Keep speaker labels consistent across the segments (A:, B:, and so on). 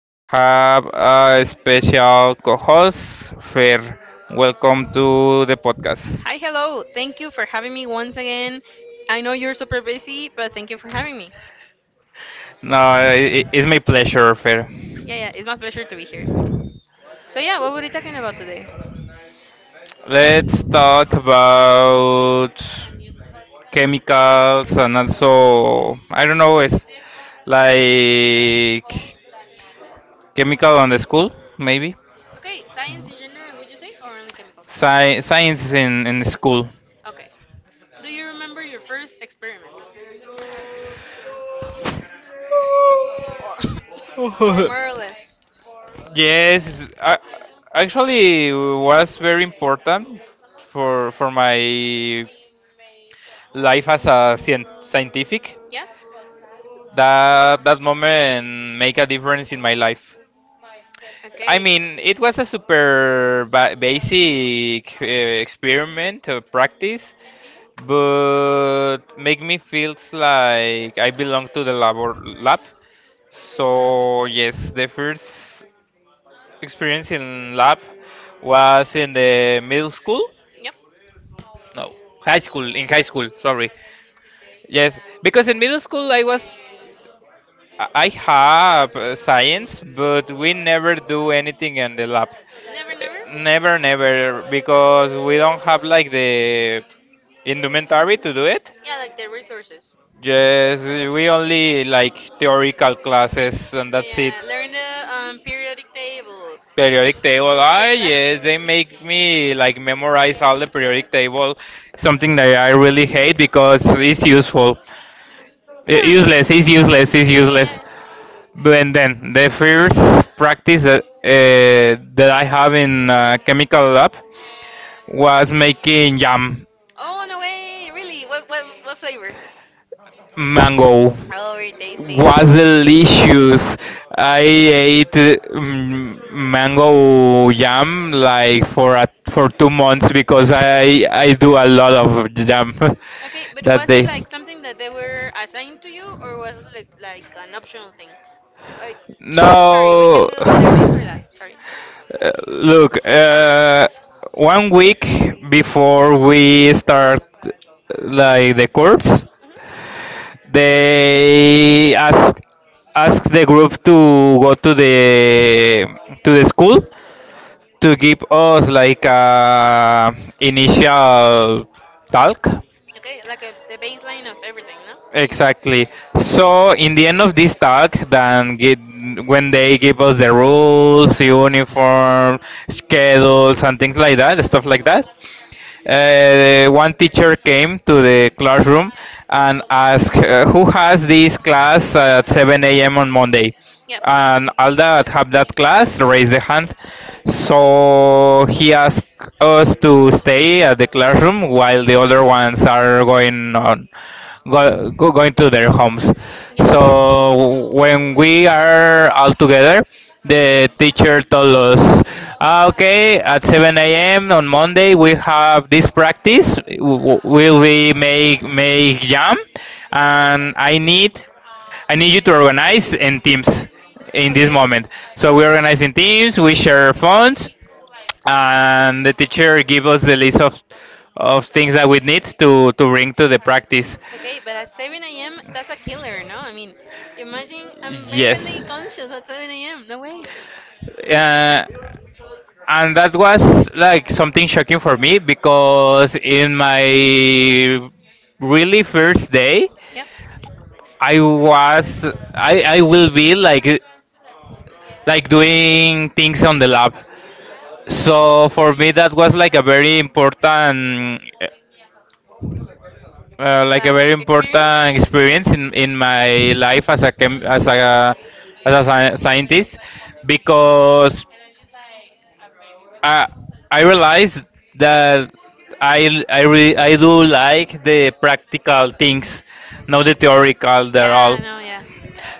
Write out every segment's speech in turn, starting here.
A: We have a special co
B: trip.
A: host, Fer. Welcome
B: Welcome.
A: to the podcast.
B: Hi, hello. Thank you for having me once again. I know you're super busy, but thank you for having me.
A: No,
B: No, it's
A: I-
B: my
A: it's my pleasure, Fer.
B: Yeah, yeah, it's my pleasure to be here. So, yeah, what were we talking about today? Let's talk
A: Let's
B: about.
A: talk about chemicals and also, I don't know, it's like chemical on the school, maybe?
B: Okay, science in general, would you say, or only chemicals?
A: Science in the school.
B: Okay. Do you remember your first experiment? Or, or more or less.
A: Yes, I actually was very important for my life as a scientific.
B: Yeah?
A: That moment make a difference in my life. I
B: Okay.
A: mean, it was a super ba basic experiment or practice, but make me feels like I belong to the lab or lab. So yes, the first experience in lab was in the middle school,
B: Yep.
A: no, high school, in high school, sorry. Yes, because in middle school I was I have science, but we never do anything in the lab.
B: Never, never.
A: Never, because we don't have like the indumentary to do it.
B: Yeah, like the resources.
A: Just we only like
B: like
A: theoretical classes and
B: Oh,
A: that's it.
B: yeah, learn the periodic table
A: Periodic table,
B: and
A: ah,
B: say that to
A: yes, they
B: me.
A: make me
B: like
A: like memorize all the periodic table, something that I really
B: Really?
A: hate because it's useful
B: Yeah, I mean, yeah,
A: useless, it's
B: yeah, yeah.
A: useless.
B: yeah.
A: But and then the first practice that I have in chemical lab was making jam.
B: Oh no way! Really? What flavor? Mango.
A: Mango
B: Oh, very tasty.
A: was delicious. I ate mango jam like for 2 months because I do a lot of jam
B: Okay, but
A: that
B: was it
A: day.
B: like something that they were assigned to you, or was it like an optional thing? Like, sorry, we can
A: No.
B: do either this or that. Sorry.
A: Look, 1 week before we start like the course,
B: Hmm.
A: they ask ask the group to go to the school to give us like a initial talk.
B: Okay, like a, the baseline of everything, no?
A: Exactly. So in the end of this talk, then get, when they give us the rules, uniform, schedules, and things like that, stuff like that, one teacher came to the classroom and asked, "Who has this class at 7 a.m. on Monday?"
B: Yep.
A: And all that have that class raise the hand. So he asked us to stay at the classroom while the other ones are going on
B: But
A: going to their homes.
B: yep, so
A: So when we are all together, the teacher told us, "Ah, okay, at 7 a.m. on Monday we have this practice.
B: we
A: Will we
B: make
A: make make jam?
B: jam, and
A: And
B: I need,
A: I
B: I need
A: need you
B: to
A: to
B: organize
A: organize in
B: in
A: teams
B: this,
A: in this
B: okay, moment,
A: moment." So we
B: organize
A: organize
B: the
A: in teams,
B: team
A: we share phones, and the
B: and
A: teacher give us the list of
B: things
A: things
B: that
A: that we
B: we need.
A: need to bring to the practice.
B: Okay, but at 7 a.m., that's a killer, no? I mean, imagine I'm barely
A: Yes.
B: conscious at 7 a.m. No way.
A: Uh,
B: Yeah, and
A: and that
B: that's
A: was like something shocking for me because in my
B: my
A: really first
B: day.
A: day
B: Yep.
A: I
B: I was,
A: was
B: I
A: I
B: I was
A: will be like doing things on
B: in the
A: the
B: lab,
A: lab.
B: so
A: So for me that was like a very important like a very
B: like experience.
A: important experience in my life as as a scientist, because I I realized that I do like the practical things, not the theoretical. They're all.
B: Yeah no yeah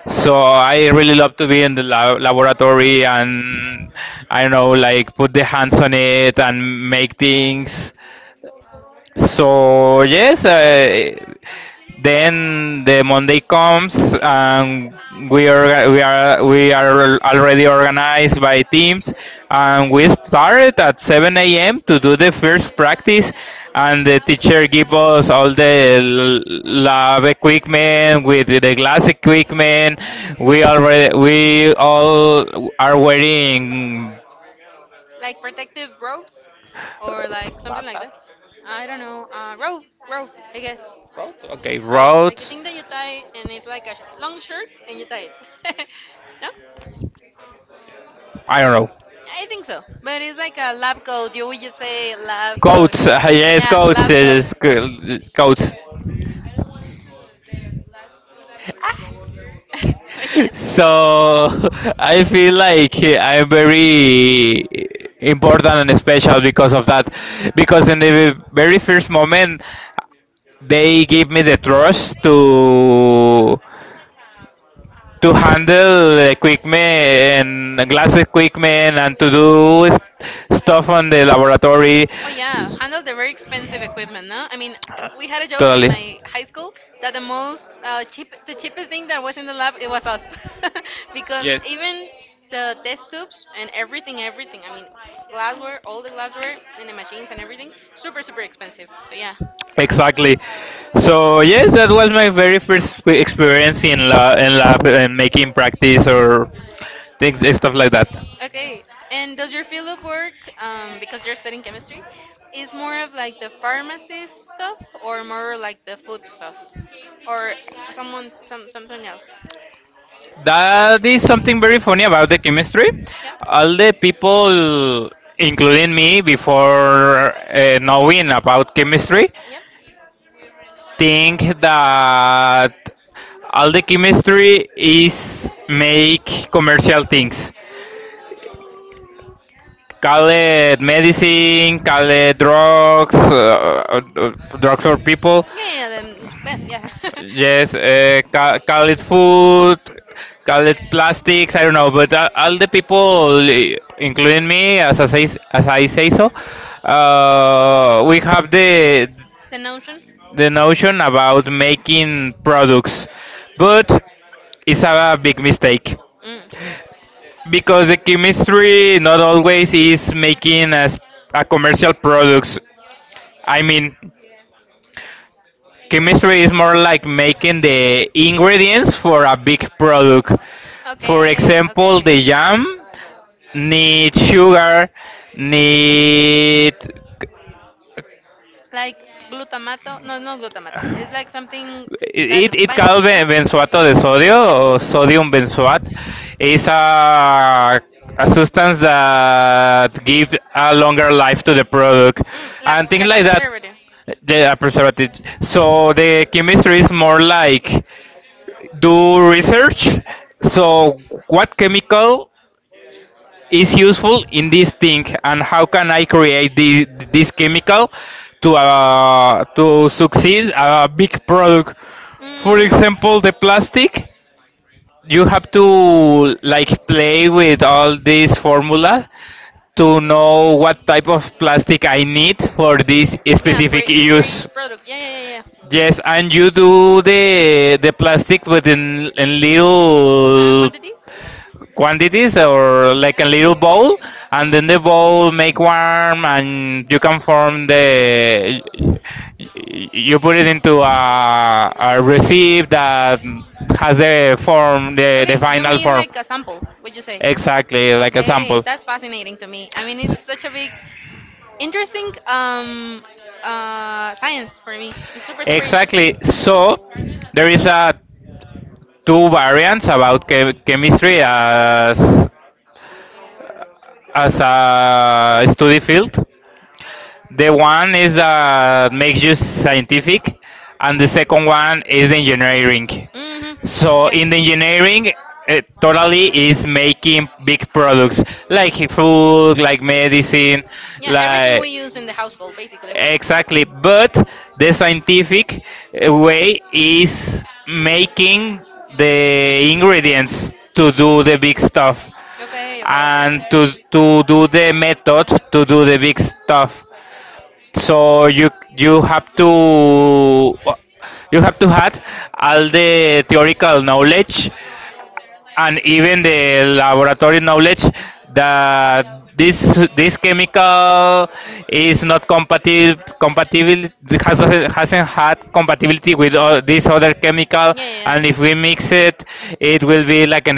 A: So I really love to be in the laboratory and I don't know, like put the hands on it and make things. So yes, then the Monday comes and we are already organized by teams, and we started at 7 a.m. to do the first practice, and the teacher give us all the lab equipment with the glass equipment.
B: We already we
A: We
B: all
A: all are
B: are waiting.
A: wearing...
B: Like protective robes or like something like
A: Batas?
B: that. I don't know. Robe, I guess.
A: Road? Okay, like
B: Robe, like
A: road.
B: the thing that you tie and it's like a long shirt and you tie it. No?
A: I don't know.
B: I think so. But it's like a lab coat. You would just say lab coat.
A: Goats, yes,
B: Yeah, Yeah,
A: goats,
B: lab Yeah. coat.
A: yes, goats. So I
B: Yes.
A: feel like I'm very
B: Important
A: important and special because of that. Because in the very first moment,
B: moment, they
A: they give me the
B: rush
A: trust to
B: handle
A: handle
B: men
A: equipment and glass equipment and
B: and
A: to do stuff
B: stuff.
A: on the laboratory.
B: Oh yeah, handle the very expensive equipment, no? I mean,
A: Uh,
B: we had a joke in
A: Totally.
B: my high school that the most cheapest thing that was in the lab, it was us, because even the test tubes and everything. I mean, glassware, all the glassware and the machines and everything, super, super expensive. So yeah.
A: Exactly.
B: So
A: So yes,
B: yes,
A: that
B: that was
A: was my
B: my
A: very
B: very first
A: first experience
B: experience in
A: in lab, in
B: lab
A: lab, and making
B: activities
A: practice or
B: or things
A: things
B: like
A: stuff like that.
B: that. Okay. And does your field of work, because you're studying chemistry, is more of like the pharmacy stuff or more like the food stuff, or someone some something else? That
A: That is
B: is
A: something
B: something
A: very
B: very
A: funny
B: funny
A: about
B: about
A: the
B: the
A: chemistry.
B: chemistry. Yep.
A: All
B: Also,
A: the people, including me, before knowing
B: knowing
A: about chemistry,
B: about, yep,
A: think that all the chemistry
B: things
A: is
B: that at least
A: make commercial
B: commercial
A: things.
B: things.
A: Call
B: Call
A: it
B: it
A: medicine,
B: kissing,
A: call
B: call
A: it
B: it
A: drugs,
B: drugs, drugs
A: drugs for
B: of people.
A: people.
B: Yeah, yeah, then, well, yeah. Yes,
A: Yes,
B: call, call
A: call it
B: it food,
A: food,
B: call
A: call
B: it
A: it
B: plastics,
A: plastics. I
B: I
A: don't
B: don't
A: know,
B: know, but
A: but all
B: I'll,
A: the people, eh,
B: including
A: including
B: me,
A: me, as I
B: as,
A: say so,
B: uh, we
A: we
B: have
A: have
B: the notion?
A: the notion about making products, but
B: This
A: it's a
B: about food
A: big
B: is a big.
A: mistake
B: Mm. Because
A: because
B: the
A: the
B: gimmick
A: chemistry not always
B: is
A: is
B: making
A: making as a
B: a,
A: commercial products.
B: com- I
A: I
B: mean,
A: mean. Chemistry is more
B: like
A: like
B: making
A: making the
B: the,
A: ingredients for a big product. For
B: okay,
A: example,
B: okay.
A: the jam need sugar, need
B: Like glutamato, no, no glutamato. It's like something that
A: it
B: binds
A: called
B: it, be no? Invented,
A: benzoato de sodio or sodium benzoate.
B: so
A: It's a substance that gives a longer life to the product
B: mm,
A: and things
B: like a
A: like that.
B: preservative.
A: The a preservative.
B: So
A: So the chemistry is more
B: like,
A: like do
B: do
A: research.
B: so
A: So, what chemical is useful in this thing,
B: and
A: and
B: how
A: how
B: can
A: can I
B: I create
A: create the,
B: this.
A: this chemical to succeed a big product? For
B: Mm.
A: example, the plastic. You have to like play with all these formula to know what type of plastic I need for this
B: Yeah, for
A: specific
B: for
A: use.
B: each product. Yeah, yeah, yeah,
A: Yes, and
B: yeah.
A: you do the plastic within in little
B: Quantities? Mm.
A: quantities or like a little bowl, and then the bowl make warm and you can form the, you put it into a receipt that has the form the
B: Okay, you
A: final
B: mean
A: form,
B: like a sample? Would you say?
A: exactly like a
B: Okay,
A: sample.
B: that's fascinating to me. I mean, it's such a big, interesting science for me. It's super, super
A: Exactly,
B: interesting.
A: so there is a two variants about chemistry as a study field. The
B: The one
A: one
B: is
A: is that
B: that makes
A: makes you
B: you scientific,
A: scientific,
B: and
A: and the
B: the second
A: second
B: one
A: one
B: is
A: is the
B: engineering.
A: engineering.
B: Mm-hmm. So
A: So
B: yeah,
A: in
B: in
A: the
B: the engineering,
A: engineering, it
B: totally
A: totally
B: is
A: is
B: making
A: making
B: big
A: big products
B: products
A: like
B: like food,
A: food, like
B: like medicine,
A: medicine,
B: yeah, like everything
A: like,
B: we use in the household, basically.
A: exactly.
B: Exactly. But
A: But
B: the
A: the
B: scientific
A: scientific
B: way
A: way
B: is
A: is
B: making
A: making
B: the
A: the
B: ingredients
A: ingredients
B: to
A: to
B: do
A: do the
B: the
A: big
B: big stuff.
A: stuff
B: Okay, okay, okay, and
A: and
B: okay, to
A: to
B: do
A: to do
B: the
A: the method
B: methods to
A: to
B: do
A: do the
B: the big
A: big
B: stuff.
A: stuff.
B: So
A: So
B: you
A: you
B: you
A: you have
B: have to,
A: to
B: you
A: you have to
B: have
A: have
B: all
A: all the
B: the theoretical
A: theoretical
B: knowledge,
A: knowledge and
B: even
A: even
B: the
A: the
B: lab.
A: laboratory knowledge
B: The,
A: that
B: this
A: this
B: chemical
A: chemical
B: is
A: is
B: not
A: not
B: compatible,
A: compatible, has, hasn't had
B: compatible,
A: compatibility with all this other chemical,
B: compatible Yeah, yeah. And
A: and if we
B: if
A: mix it, it will be like an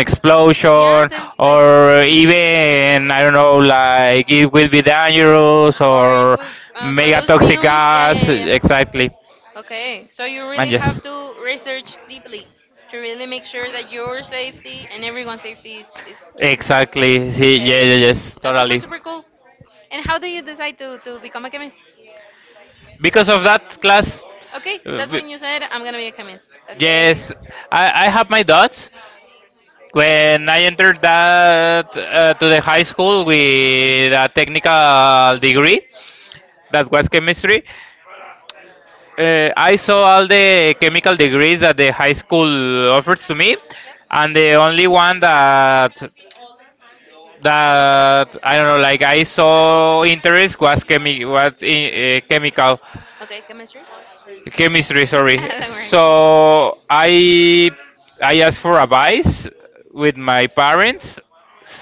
B: so, yeah,
A: explosion
B: there's like, or
A: or
B: even
A: even I
B: I
A: don't know,
B: don't know, like
A: like it will be
B: damage
A: dangerous
B: or it
A: or
B: would
A: mega
B: produce
A: toxic
B: fumes. Yeah, yeah,
A: gas.
B: yeah, yeah. Exactly.
A: Exactly.
B: Okay, so you really
A: And yes.
B: have to research deeply to really make sure that your safety and everyone's safety is key.
A: Exactly. See, yeah,
B: Okay.
A: yeah, yes,
B: That's super,
A: totally.
B: super cool. And how do you decide to become a chemist?
A: Because of that class,
B: Okay,
A: uh,
B: that's
A: we-
B: when you said, I'm gonna be a chemist. Okay.
A: yes, I have my doubts. When I entered that to the high school with a technical degree, that was chemistry. I saw all the chemical degrees that the high school offers to me, and the only one that that I don't know. Like I saw interest was chemi was in, chemical...
B: Okay, chemistry?
A: Chemistry, sorry.
B: Don't worry.
A: So
B: I
A: I
B: I
A: I asked
B: asked
A: for advice
B: with
A: with
B: my
A: my
B: parents,
A: parents.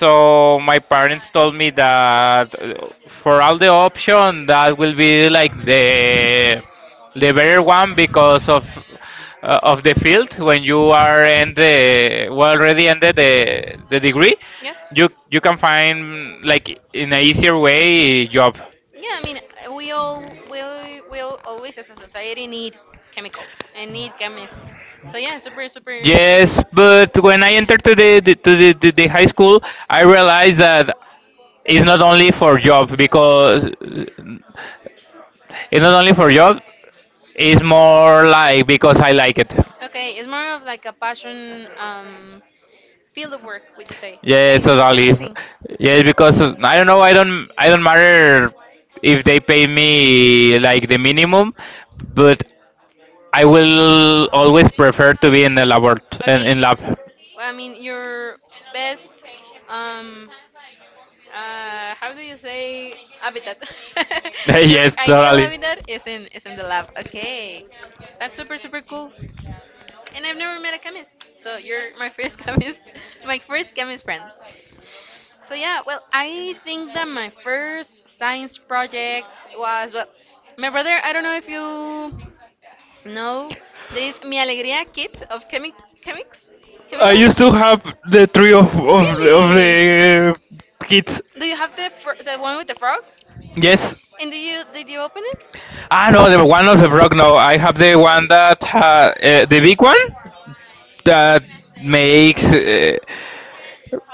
B: so
A: my parents told me that
B: for
A: for
B: all
A: all
B: the
A: the
B: options
A: option
B: that
A: that
B: were
A: will be like
B: like the,
A: the
B: better
A: better one
B: one because
A: because
B: of of
A: of
B: the
A: the field
B: field when
A: when you
B: you are
A: are
B: in
A: in
B: the,
A: the well already
B: the,
A: ended
B: the
A: the degree,
B: yeah. You
A: you
B: can
A: can find
B: find like,
A: like in a easier way job.
B: yeah, I mean, we all will always as a society need chemicals and need chemists. So yeah, super super yes, big. Yes,
A: Yes, but
B: when
A: when
B: I
A: I entered
B: entered
A: to the high school,
B: I
A: I
B: realized
A: realized
B: it's
A: that
B: not
A: it's not only for
B: a job
A: job
B: because
A: because it's not only for job. It's more like
B: like,
A: because I like it.
B: okay, it's more of like a passion field of work, would you say? Yeah.
A: Yes,
B: Okay, so that's
A: totally.
B: amazing.
A: Yes, because I don't know. I don't. I don't matter if they pay me like the minimum, but I will always prefer to be in the lab
B: Okay,
A: in lab.
B: well, I mean your best, um how do you say habitat? Your
A: Yes,
B: ideal
A: totally.
B: habitat is in the lab. Okay, that's super super cool. And I've never met a chemist. So you're my first chemist, my first chemist friend. So yeah, well, I think that my first science project was, well, my brother. I don't know if you know this Mi Alegría kit of chemics,
A: I
B: chemicals.
A: used to have the three of of
B: Really?
A: the kids.
B: Do you have the the one with the frog?
A: Yes.
B: And do you open it?
A: Ah no, the one of the frog. No, I have the one that ha, the big one that makes. Uh,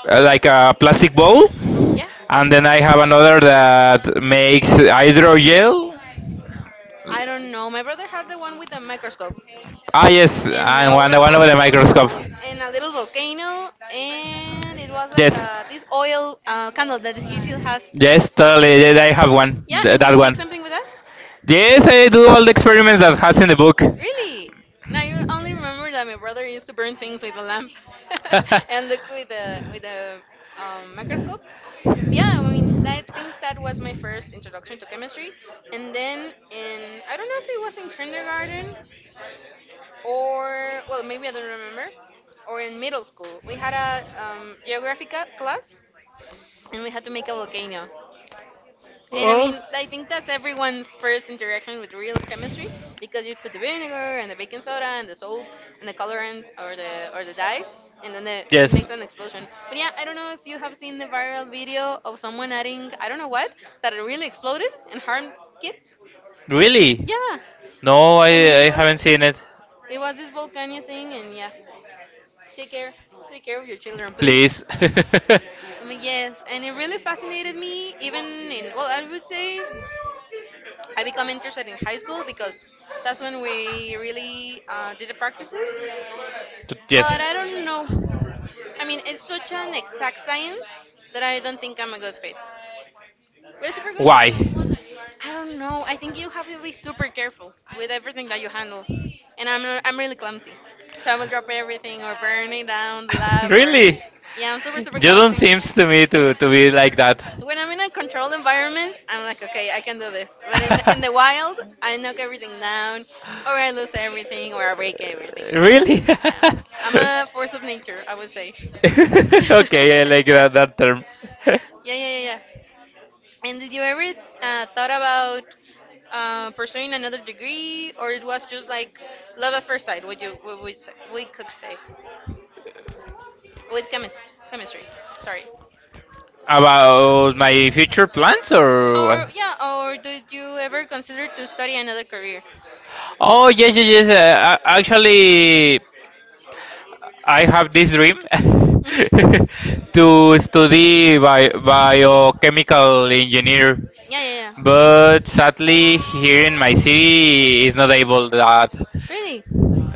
A: uh, Like a plastic bowl,
B: Yeah.
A: and then I have another that makes hydrogel.
B: I don't know. My brother had the one with the microscope.
A: Ah yes,
B: And
A: and one
B: all
A: over
B: the
A: the microscope.
B: chemicals and a little volcano and it was like
A: Yes,
B: this oil candle that he still has.
A: yes, totally. Yeah, I have one,
B: Yeah, and did
A: that
B: you make
A: one.
B: something with that?
A: Yes, I do all the experiments that has in the book.
B: Really? Now you only remember that my brother used to burn things with a lamp and look with a microscope. Yeah, I mean, I think that was my first introduction to chemistry, and then in I don't know if it was in kindergarten or well, maybe I don't remember, or in middle school we had a geography class and we had to make a volcano. And I
A: Oh.
B: mean, I think that's everyone's first interaction with real chemistry because you put the vinegar and the baking soda and the soap and the colorant or the dye, and then the, it
A: Yes.
B: makes an explosion. But yeah, I don't know if you have seen the viral video of someone adding I don't know what that it really exploded and harmed kids.
A: Really?
B: Yeah,
A: No,
B: I mean,
A: I haven't seen it.
B: it was this volcano thing, and yeah, take care, take care of your children, please.
A: Please.
B: Yes, and it really fascinated me. Even in well, I would say I become interested in high school because that's when we really did the practices.
A: Yes.
B: But I don't know. I mean, it's such an exact science that I don't think I'm a good fit. We're super good. Why?
A: Why?
B: I don't know. I think you have to be super careful with everything that you handle. And I'm not, I'm really clumsy, so I will drop everything or burn it down the lab or
A: Really?
B: yeah, I'm super super
A: You don't
B: clumsy.
A: seems to me to be like that.
B: When I'm in a controlled environment, I'm like, okay, I can do this. But in the wild, I knock everything down, or I lose everything, or I break everything. So yeah,
A: Really?
B: yeah, I'm a force of nature, I would say.
A: okay, I like
B: Yeah,
A: that, that term.
B: yeah, yeah, yeah. And did you ever thought about pursuing another degree, or it was just like love at first sight? What you what we say, we could say with chemistry. Sorry.
A: About my future plans or
B: Or
A: what?
B: yeah, or did you ever consider to study another career?
A: Oh yes, yes, yes. Actually, I have this dream
B: Hmm.
A: to study biochemical engineer,
B: Yeah, yeah, yeah.
A: but sadly here in my city is not able that.
B: Really?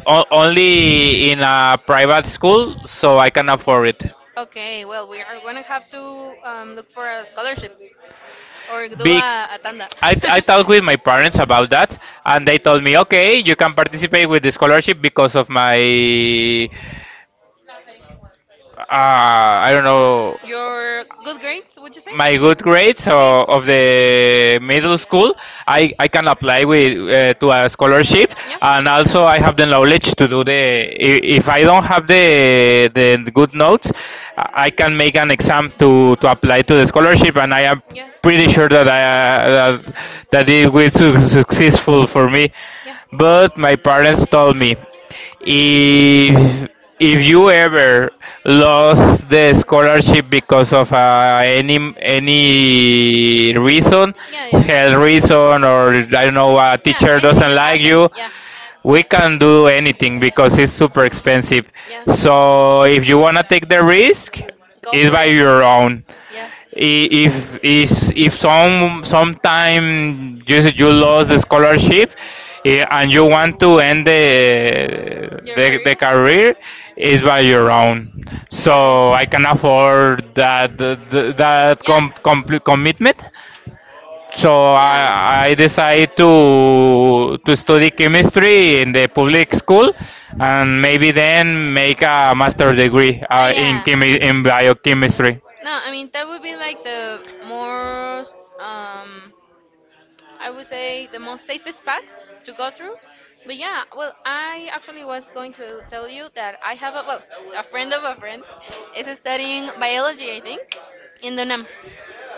A: Only in a private school, so I can afford it.
B: Okay, well, we are gonna have to look for a scholarship or do
A: Big
B: a tanda.
A: I talked with my parents about that, and they told me okay you can participate with the scholarship because of my I don't know,
B: Your good grades, would you say?
A: my good grades
B: Okay.
A: of the middle school, I can apply with to a scholarship,
B: Yeah.
A: and also I have the knowledge to do the. If I don't have the good notes, I can make an exam to apply to the scholarship, and I am
B: Yeah.
A: pretty
B: Sure.
A: sure that that it will successful for me.
B: Yeah.
A: But my parents told me if if you ever lost the scholarship because of any reason,
B: Yeah, yeah.
A: health reason or I don't know, a
B: Yeah,
A: teacher
B: anything
A: doesn't
B: could
A: like
B: happen.
A: you,
B: Yeah.
A: we can do anything because it's super expensive.
B: Yeah.
A: So
B: If
A: if
B: you
A: you
B: want to
A: wanna
B: take
A: take
B: the
A: the
B: risk,
A: risk,
B: Go it's
A: it's
B: for by
A: by
B: it. Your
A: your
B: own.
A: own.
B: Yeah.
A: I- if
B: If,
A: is
B: if
A: if some
B: sometime
A: sometime
B: you
A: just
B: see you
A: you
B: lose
A: lost the
B: the
A: scholarship,
B: scholarship,
A: and
B: and you
A: you want
B: want to
A: to
B: end
A: end the
B: the, Your the- the
A: the, the
B: career? career,
A: career, is
B: it's
A: by
B: by
A: your
B: your
A: own.
B: own. So, okay,
A: So I
B: I
A: can
B: can
A: afford
B: afford that,
A: complete
B: Commitment.
A: commitment.
B: So
A: so
B: yeah.
A: i i decide to study chemistry in the public school, and maybe then make a master degree
B: Oh
A: in
B: yeah.
A: in biochemistry.
B: No, I mean that would be like the most I would say the most safest path to go through. But yeah, well, I actually was going to tell you that I have a well, a friend of a friend is studying biology, I think, in the UNAM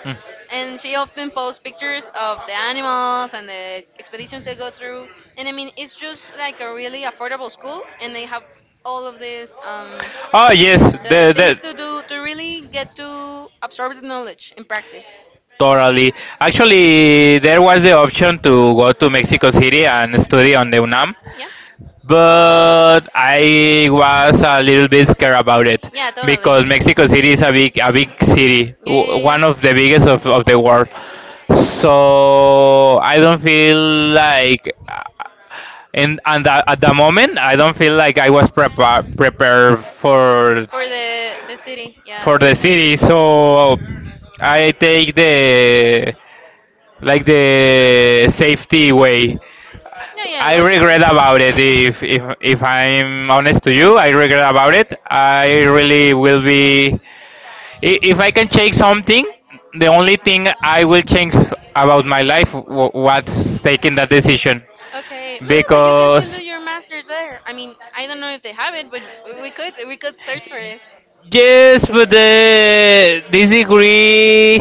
A: Hmm.
B: and she often posts pictures of the animals and the expeditions they go through and I mean it's just like a really affordable school and they have all of these
A: Oh yes,
B: the
A: the,
B: things
A: the
B: to do to really get to absorb the knowledge in practice.
A: totally. Actually, there was the option to go to Mexico City and study on the UNAM,
B: Yeah.
A: but I was a little bit scared about it
B: yeah totally
A: because Mexico
B: yeah
A: City is a big city,
B: yeah
A: one of the biggest of the world.
B: yeah
A: So I don't feel like, and at the moment, I don't feel like I was
B: yeah
A: prepared
B: For the city, yeah.
A: for the city. So I take the like the safety way.
B: No, yeah,
A: I
B: logically.
A: regret about it. If I'm honest to you, I regret about it. I really will be. If I can change something, the only thing I will change about my life was taking that decision,
B: Okay, no, but you can still do
A: because
B: your masters there. I mean, I don't know if they have it, but we could search for it.
A: yes, but the this degree.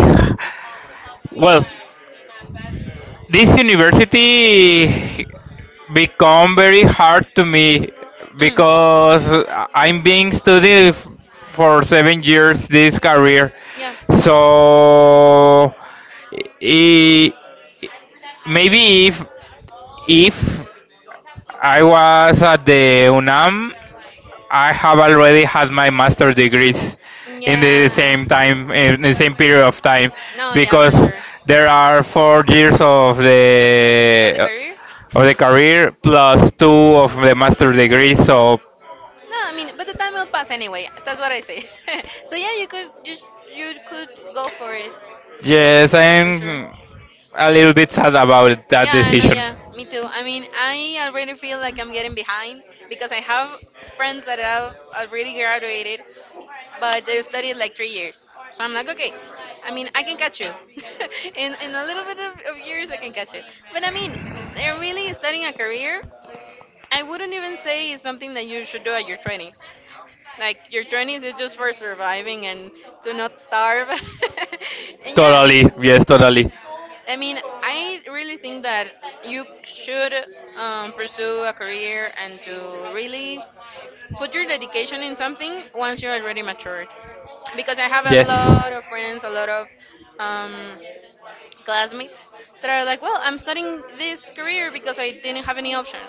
A: Well, this university become very hard to me
B: Mm.
A: because I'm being studying
B: Yeah.
A: for 7 years this career.
B: Yeah.
A: So I maybe if I was at the UNAM, I have already had my master degrees in the same time, in the same period of time,
B: No, yeah, for
A: because
B: sure.
A: there are 4 years of
B: Of the career?
A: the career plus two of the master degree. So
B: No, I mean, but the time will pass anyway. That's what I say. So yeah, you could go for it
A: yes,
B: for sure.
A: I'm a little bit sad about that
B: Yeah, no,
A: decision.
B: yeah, me too. I mean, I already feel like I'm getting behind because I have friends that have already graduated, but they've studied like 3 years. So I'm like, okay, I mean, I can catch you. In a little bit of years, I can catch it. But I mean, they're really studying a career. I wouldn't even say it's something that you should do at your 20s. Like, your 20s is just for surviving and to not starve. and yeah.
A: Totally. Yes, totally.
B: I mean, I really think that you should pursue a career and to really put your dedication in something once you're already matured. Because I have a
A: Yes.
B: lot of friends, a lot of um, classmates that are like, well, I'm studying this career because I didn't have any option,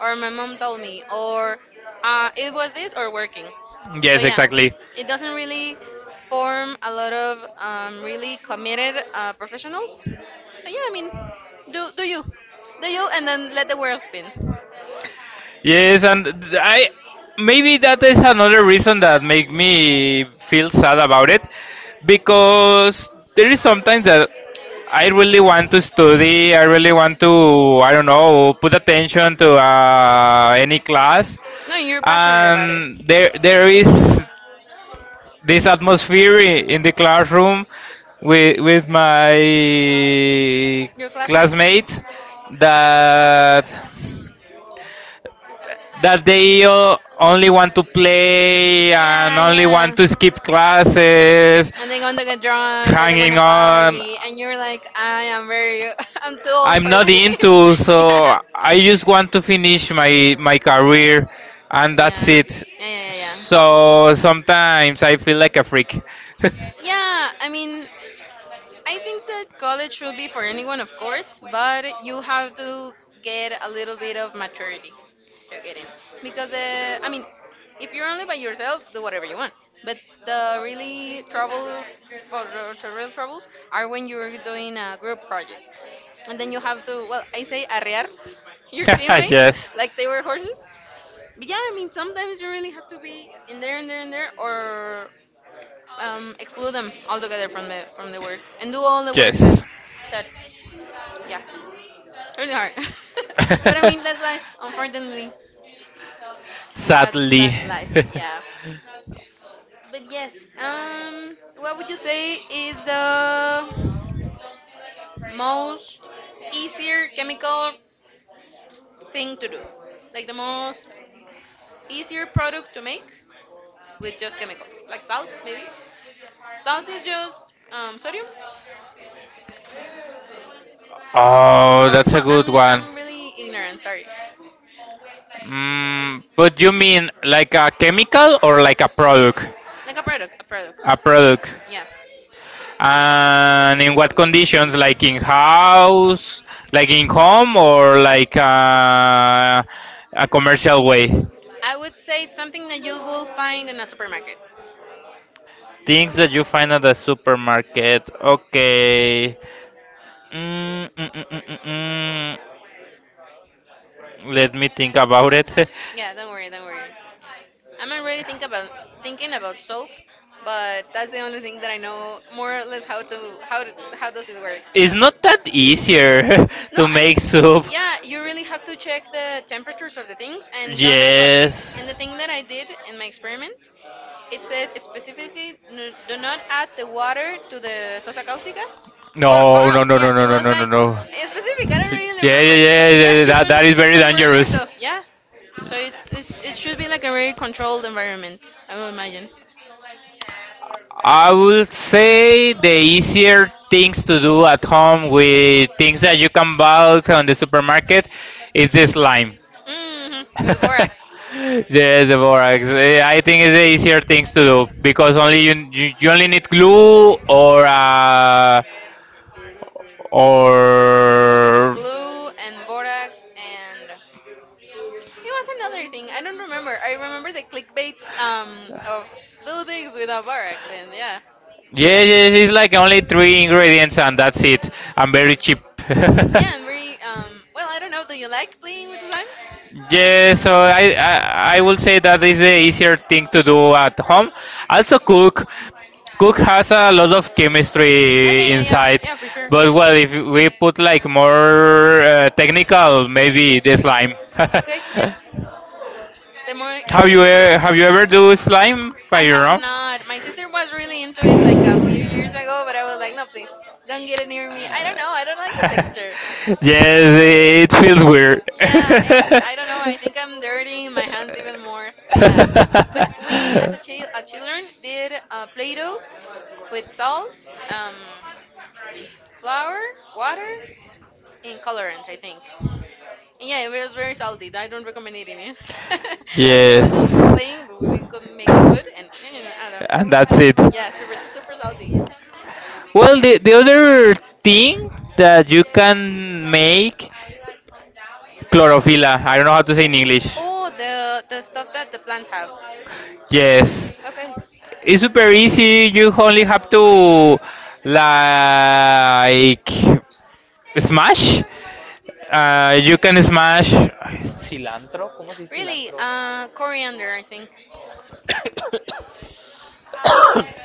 B: or my mom told me, or it was this or working. So
A: Yes,
B: yeah,
A: exactly.
B: it doesn't really form a lot of really committed professionals. So yeah, I mean, do do you, do you, and then let the world spin.
A: Yes, and th- I maybe that is another reason that make me feel sad about it, because there is sometimes that I really want to study, I really want to, I don't know, put attention to any class,
B: No, you're passionate about it.
A: and there is this atmosphere in the classroom with my
B: Your classmates?
A: classmates that that they only want to play and
B: Yeah,
A: only
B: yeah.
A: want to skip classes,
B: And they want to get drunk or they want to
A: hanging on.
B: party, and you're like, I am very, I'm too old
A: I'm
B: for
A: not into,
B: this. yeah.
A: so I just want to finish my career, and that's
B: Yeah.
A: it.
B: Yeah, yeah, yeah,
A: So sometimes I feel like a freak.
B: yeah. Yeah, I mean, I think that college should be for anyone, of course, but you have to get a little bit of maturity. You're getting because I mean, if you're only by yourself, do whatever you want. But the really trouble or the real troubles are when you're doing a group project, and then you have to well, I say arrear your teammates
A: Yes.
B: like they were horses. But yeah, I mean, sometimes you really have to be in there and there and there, or exclude them altogether from the work and do all the work that
A: Yes.
B: that yeah, really hard. But I mean, that's life, unfortunately. that's
A: Sadly.
B: that's life, yeah, but yes. What would you say is the most easier chemical thing to do, like the most easier product to make with just chemicals, like salt maybe? Salt is just sodium.
A: Oh,
B: Or
A: that's a
B: well,
A: good
B: I'm
A: one.
B: I'm really ignorant. Sorry.
A: Mm, but you mean like a chemical or like a product?
B: Like a product, a product.
A: A product.
B: Yeah.
A: And in what conditions? Like in house, like in home, or like a commercial way?
B: I would say it's something that you will find in a supermarket.
A: Things that you find at the supermarket. Okay. Mm, mm, mm, mm, mm, mm. Let me think about it.
B: Yeah, don't worry, don't worry. I'm not really think about thinking about soap, but that's the only thing that I know more or less how to how does it work. So.
A: It's not that easier
B: No,
A: to
B: I mean,
A: make soup.
B: yeah, you really have to check the temperatures of the things and don't add. Well,
A: Yes.
B: and the thing that I did in my experiment, it said specifically do not add the water to the sosa cáustica. Or, or
A: No, no,
B: el-
A: no,
B: yeah,
A: no,
B: it
A: no, no,
B: was
A: no, no,
B: like
A: no.
B: specific. I
A: Yeah,
B: don't really
A: yeah,
B: remember,
A: yeah,
B: but
A: yeah,
B: yeah,
A: yeah,
B: you can
A: that is
B: you
A: very
B: can burn
A: dangerous.
B: yourself. Yeah, so it's it should be like a very controlled environment. I would imagine.
A: I would say the easier things
B: Mm
A: to do at home with things that you can buy on the supermarket is the slime.
B: hmm. With borax.
A: Yes, the
B: Right?
A: borax. Eh, I
B: I
A: think
B: think
A: it's the
B: there
A: easier
B: are things
A: things to
B: to
A: do
B: do.
A: because
B: You
A: you
B: only
A: only need
B: need
A: glue
B: more,
A: or
B: glue and borax, and it was another thing. I don't remember. I remember the clickbaits of do things without borax. And yeah,
A: yeah, yeah, yeah, it's like
B: only
A: only
B: three
A: three
B: ingredients
A: ingredients
B: and
A: and
B: that's
A: that's
B: it.
A: it. I'm very
B: I'm
A: cheap.
B: very, yeah, and very, well, I don't know, do you like playing with slime?
A: Yeah,
B: Yeah, so
A: so I, I
B: I,
A: I
B: I
A: will
B: would say
A: say
B: that's
A: that
B: the
A: is the
B: easier
A: easier
B: thing
A: thing to
B: to do.
A: do at home.
B: Also,
A: Also, cook has a
B: has a lot
A: lot
B: of
A: of
B: chemistry. Oh yeah,
A: chemistry
B: yeah, yeah, type,
A: inside,
B: yeah, for sure.
A: but
B: But well,
A: well,
B: if
A: if
B: we
A: we
B: put
A: put like
B: like more
A: more
B: uh, technical,
A: technical, maybe
B: it's
A: the slime.
B: fine. Okay, yeah. The more have
A: Have
B: easier you
A: you
B: to. Have
A: have you
B: you?
A: ever do slime by
B: I
A: your
B: have
A: own?
B: not. My sister was really into it like a
A: Uh,
B: few years ago, but I was like, no, please, don't get it near me. I don't know. I don't like the texture. yes
A: yes,
B: it,
A: it feels weird.
B: Yeah, and I don't know. I think I'm dirtying my hands even more. So yeah, but we as a, a children did Play-Doh with salt. Um, flour, water, and colorant, I think. And yeah, it was very salty. I don't recommend eating it. I mean, it
A: Yes.
B: was just for playing, but we could make food, and you know, I don't
A: And that's
B: know.
A: it.
B: Yeah, super, super salty.
A: Well, the other thing that you can make chlorophylla. I don't know how to say in English.
B: Oh, the stuff that the plants have.
A: Yes.
B: Okay.
A: It's super easy. You only have to like smash. You can smash.
B: Really? Coriander, I think.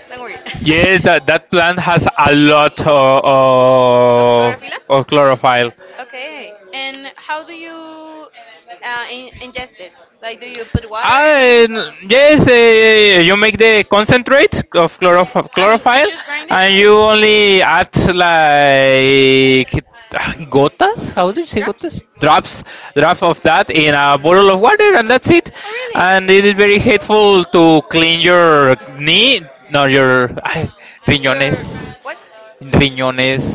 B: Don't worry.
A: Yes, that, that plant has a lot
B: Chlorophila?
A: of chlorophyll.
B: Okay. And how do you ingest it? Like, do you put water in it?
A: And yes, you make the concentrate of
B: I mean, you
A: chlorophyll,
B: just grind it?
A: and you only add like gotas? How do you say
B: Drops?
A: gotas?
B: Drops,
A: Drops,
B: drop
A: drop
B: of
A: of
B: that
A: that in
B: in
A: a
B: a
A: bottle
B: bottle
A: of
B: of water.
A: water and that's it.
B: Oh, really? And
A: And it is
B: it's
A: very
B: very helpful
A: helpful
B: to
A: to clean
B: clean your
A: your
B: knee,
A: knee, not
B: you.
A: your riñones.
B: Your what?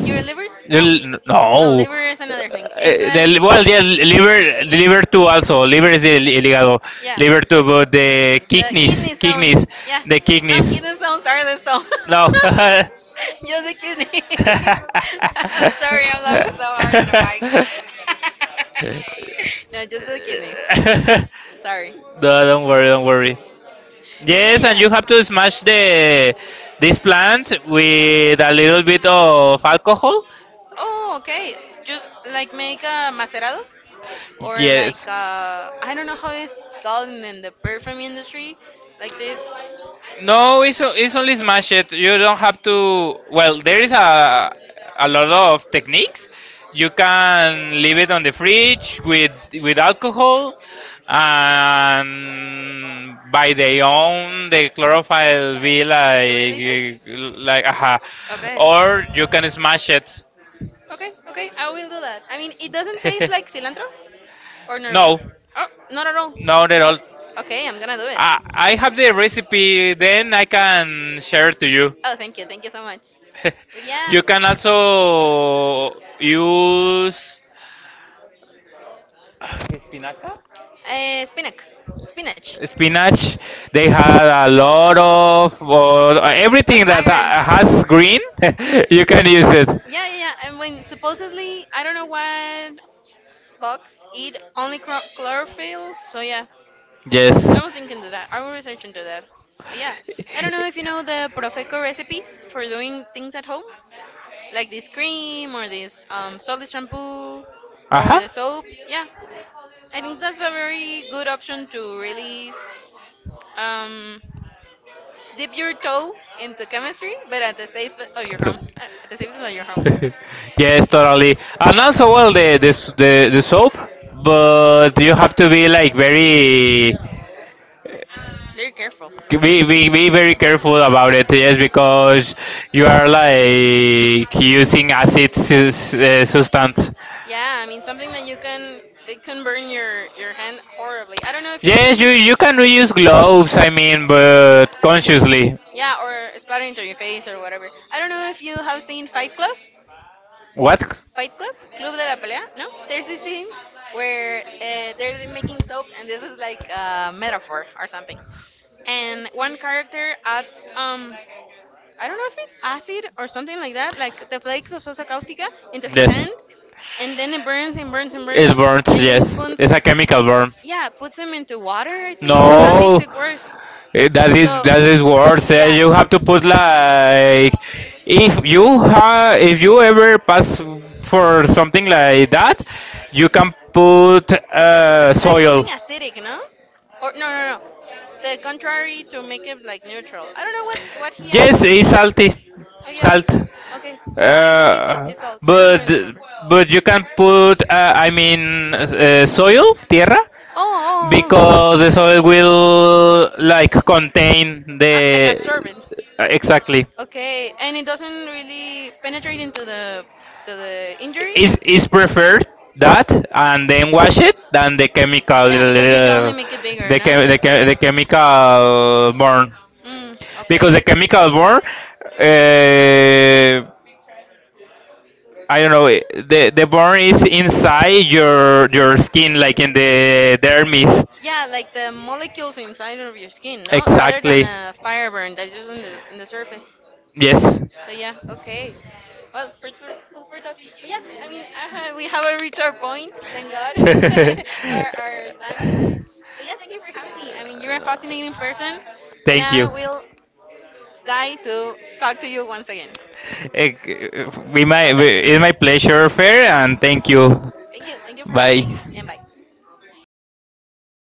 B: Your livers? No. No,
A: No.
B: liver is another thing. It's
A: Eh,
B: like.
A: well, yeah, liver too also. Liver is the ligado.
B: Yeah.
A: Liver too, but
B: The kidney
A: kidneys,
B: stones. Yeah.
A: the
B: No,
A: kidneys.
B: kidney stones are the stone.
A: No.
B: Just the kidney. I'm sorry, I'm laughing so hard in the mic. No, just the kidneys. Sorry.
A: No, don't worry, don't worry.
B: But yeah,
A: Yes, and
B: yeah.
A: you have to smash the this plant with a little bit of alcohol.
B: Oh, okay. Just like make a macerado, or like
A: Yes.
B: I don't know how it's called in the perfume industry. Like this
A: No, it's, it's only smash it. You don't have to. Well, there is a lot
B: of
A: of
B: techniques.
A: techniques.
B: You
A: You
B: can
A: can
B: leave
A: leave
B: it
A: it
B: on
A: on
B: the
A: the
B: fridge
A: fridge
B: with
A: with
B: alcohol,
A: alcohol,
B: and
A: and
B: by
A: by
B: their
A: their
B: own
A: own,
B: the
A: the
B: chlorophyll will
A: chlorophyll
B: be
A: be
B: like. Releases? Like
A: like aha.
B: a pad. Okay.
A: Or
B: Or you
A: you
B: can
A: can
B: smash
A: smash
B: it.
A: it.
B: Okay, okay, I will do that. I mean, it doesn't taste like cilantro, or not really?
A: No,
B: Oh, not at all.
A: not at all.
B: Okay, I'm gonna do it.
A: I have the recipe. Then I can share it to you.
B: Oh, thank you so much. But yeah.
A: You can also use
B: Spinach. Spinach.
A: spinach. They had a lot of, or
B: Of
A: everything that
B: iron.
A: has green. You can use it.
B: Yeah, yeah, yeah. And when supposedly, I don't know what bugs eat only chlorophyll. So yeah, I
A: Yes.
B: will think into that. I will research into that. But yeah, I don't know if you know the Profeco recipes for doing things at home, like this cream or this solid shampoo
A: Uh
B: or
A: huh.
B: the soap. Yeah, I think that's a very good option to really um, dip your toe into chemistry, but at the safe of your home,
A: Perdón.
B: at the safest of your home.
A: Yes, totally. And also, well, the soap, but you have to be like very
B: Very careful.
A: be very careful about it. Yes,
B: Because
A: because you
B: you
A: are
B: are like.
A: like using substance.
B: Yeah, I mean something that you can, it can burn your hand horribly. I don't know if you've, yeah,
A: Yes,
B: seen,
A: you
B: you
A: you can reuse gloves.
B: clothes.
A: I
B: I mean,
A: mean, but
B: but conscious.
A: consciously.
B: Yeah, or splatter into your face or whatever. I don't know if you have seen Fight Club.
A: What?
B: Fight Club, Club de la Pelea, no? There's this scene where they're making soap, and this is like a metaphor or something. And one character adds, I don't know if it's acid or something like that, like the flakes of sosa caustica into his
A: Yes.
B: hand, and then it burns and burns and burns
A: It
B: him,
A: burns,
B: and then
A: yes.
B: puts,
A: It's a chemical burn.
B: yeah, puts him into water, I think. That makes
A: No,
B: it worse.
A: eh,
B: So,
A: that is worse. Eh,
B: yeah.
A: you have to put like if you ha if you ever pass for something like that, you can put
B: Like something
A: soil.
B: acidic, no? Or no, no, no. The contrary, to make it like neutral. I don't know what he
A: Yes,
B: adds.
A: it's salty,
B: Oh yeah.
A: salt.
B: Okay. No, I think
A: Uh,
B: it's salt. I don't
A: but
B: really remember.
A: but you can put I mean soil, tierra,
B: Oh,
A: because
B: oh,
A: the
B: oh,
A: soil will like
B: okay.
A: contain
B: Ah, like
A: the
B: absorbent.
A: exactly
B: Okay, and it doesn't really penetrate into the to the injury.
A: is preferred that and then wash it than the chemical
B: Yeah, because you only make it bigger, no?
A: the chemical burn
B: Mm,
A: because the
B: okay.
A: chemical burn uh, I don't know, the burn is inside your skin like in the dermis
B: Yeah, like the molecules inside of your skin, no? Rather than
A: exactly
B: a fire burn that's just on the surface.
A: yes.
B: So yeah, okay. Well, for that, but yeah, I mean, we haven't reached our point, thank God, our time limit. So yeah, thank you for having me. I mean, you're a fascinating person, and
A: Thank
B: I
A: you.
B: will die to talk to you once again.
A: Eh,
B: I was dying.
A: it's my pleasure, Fair, and thank you.
B: Thank you. Thank you for having
A: Bye.
B: me. And bye.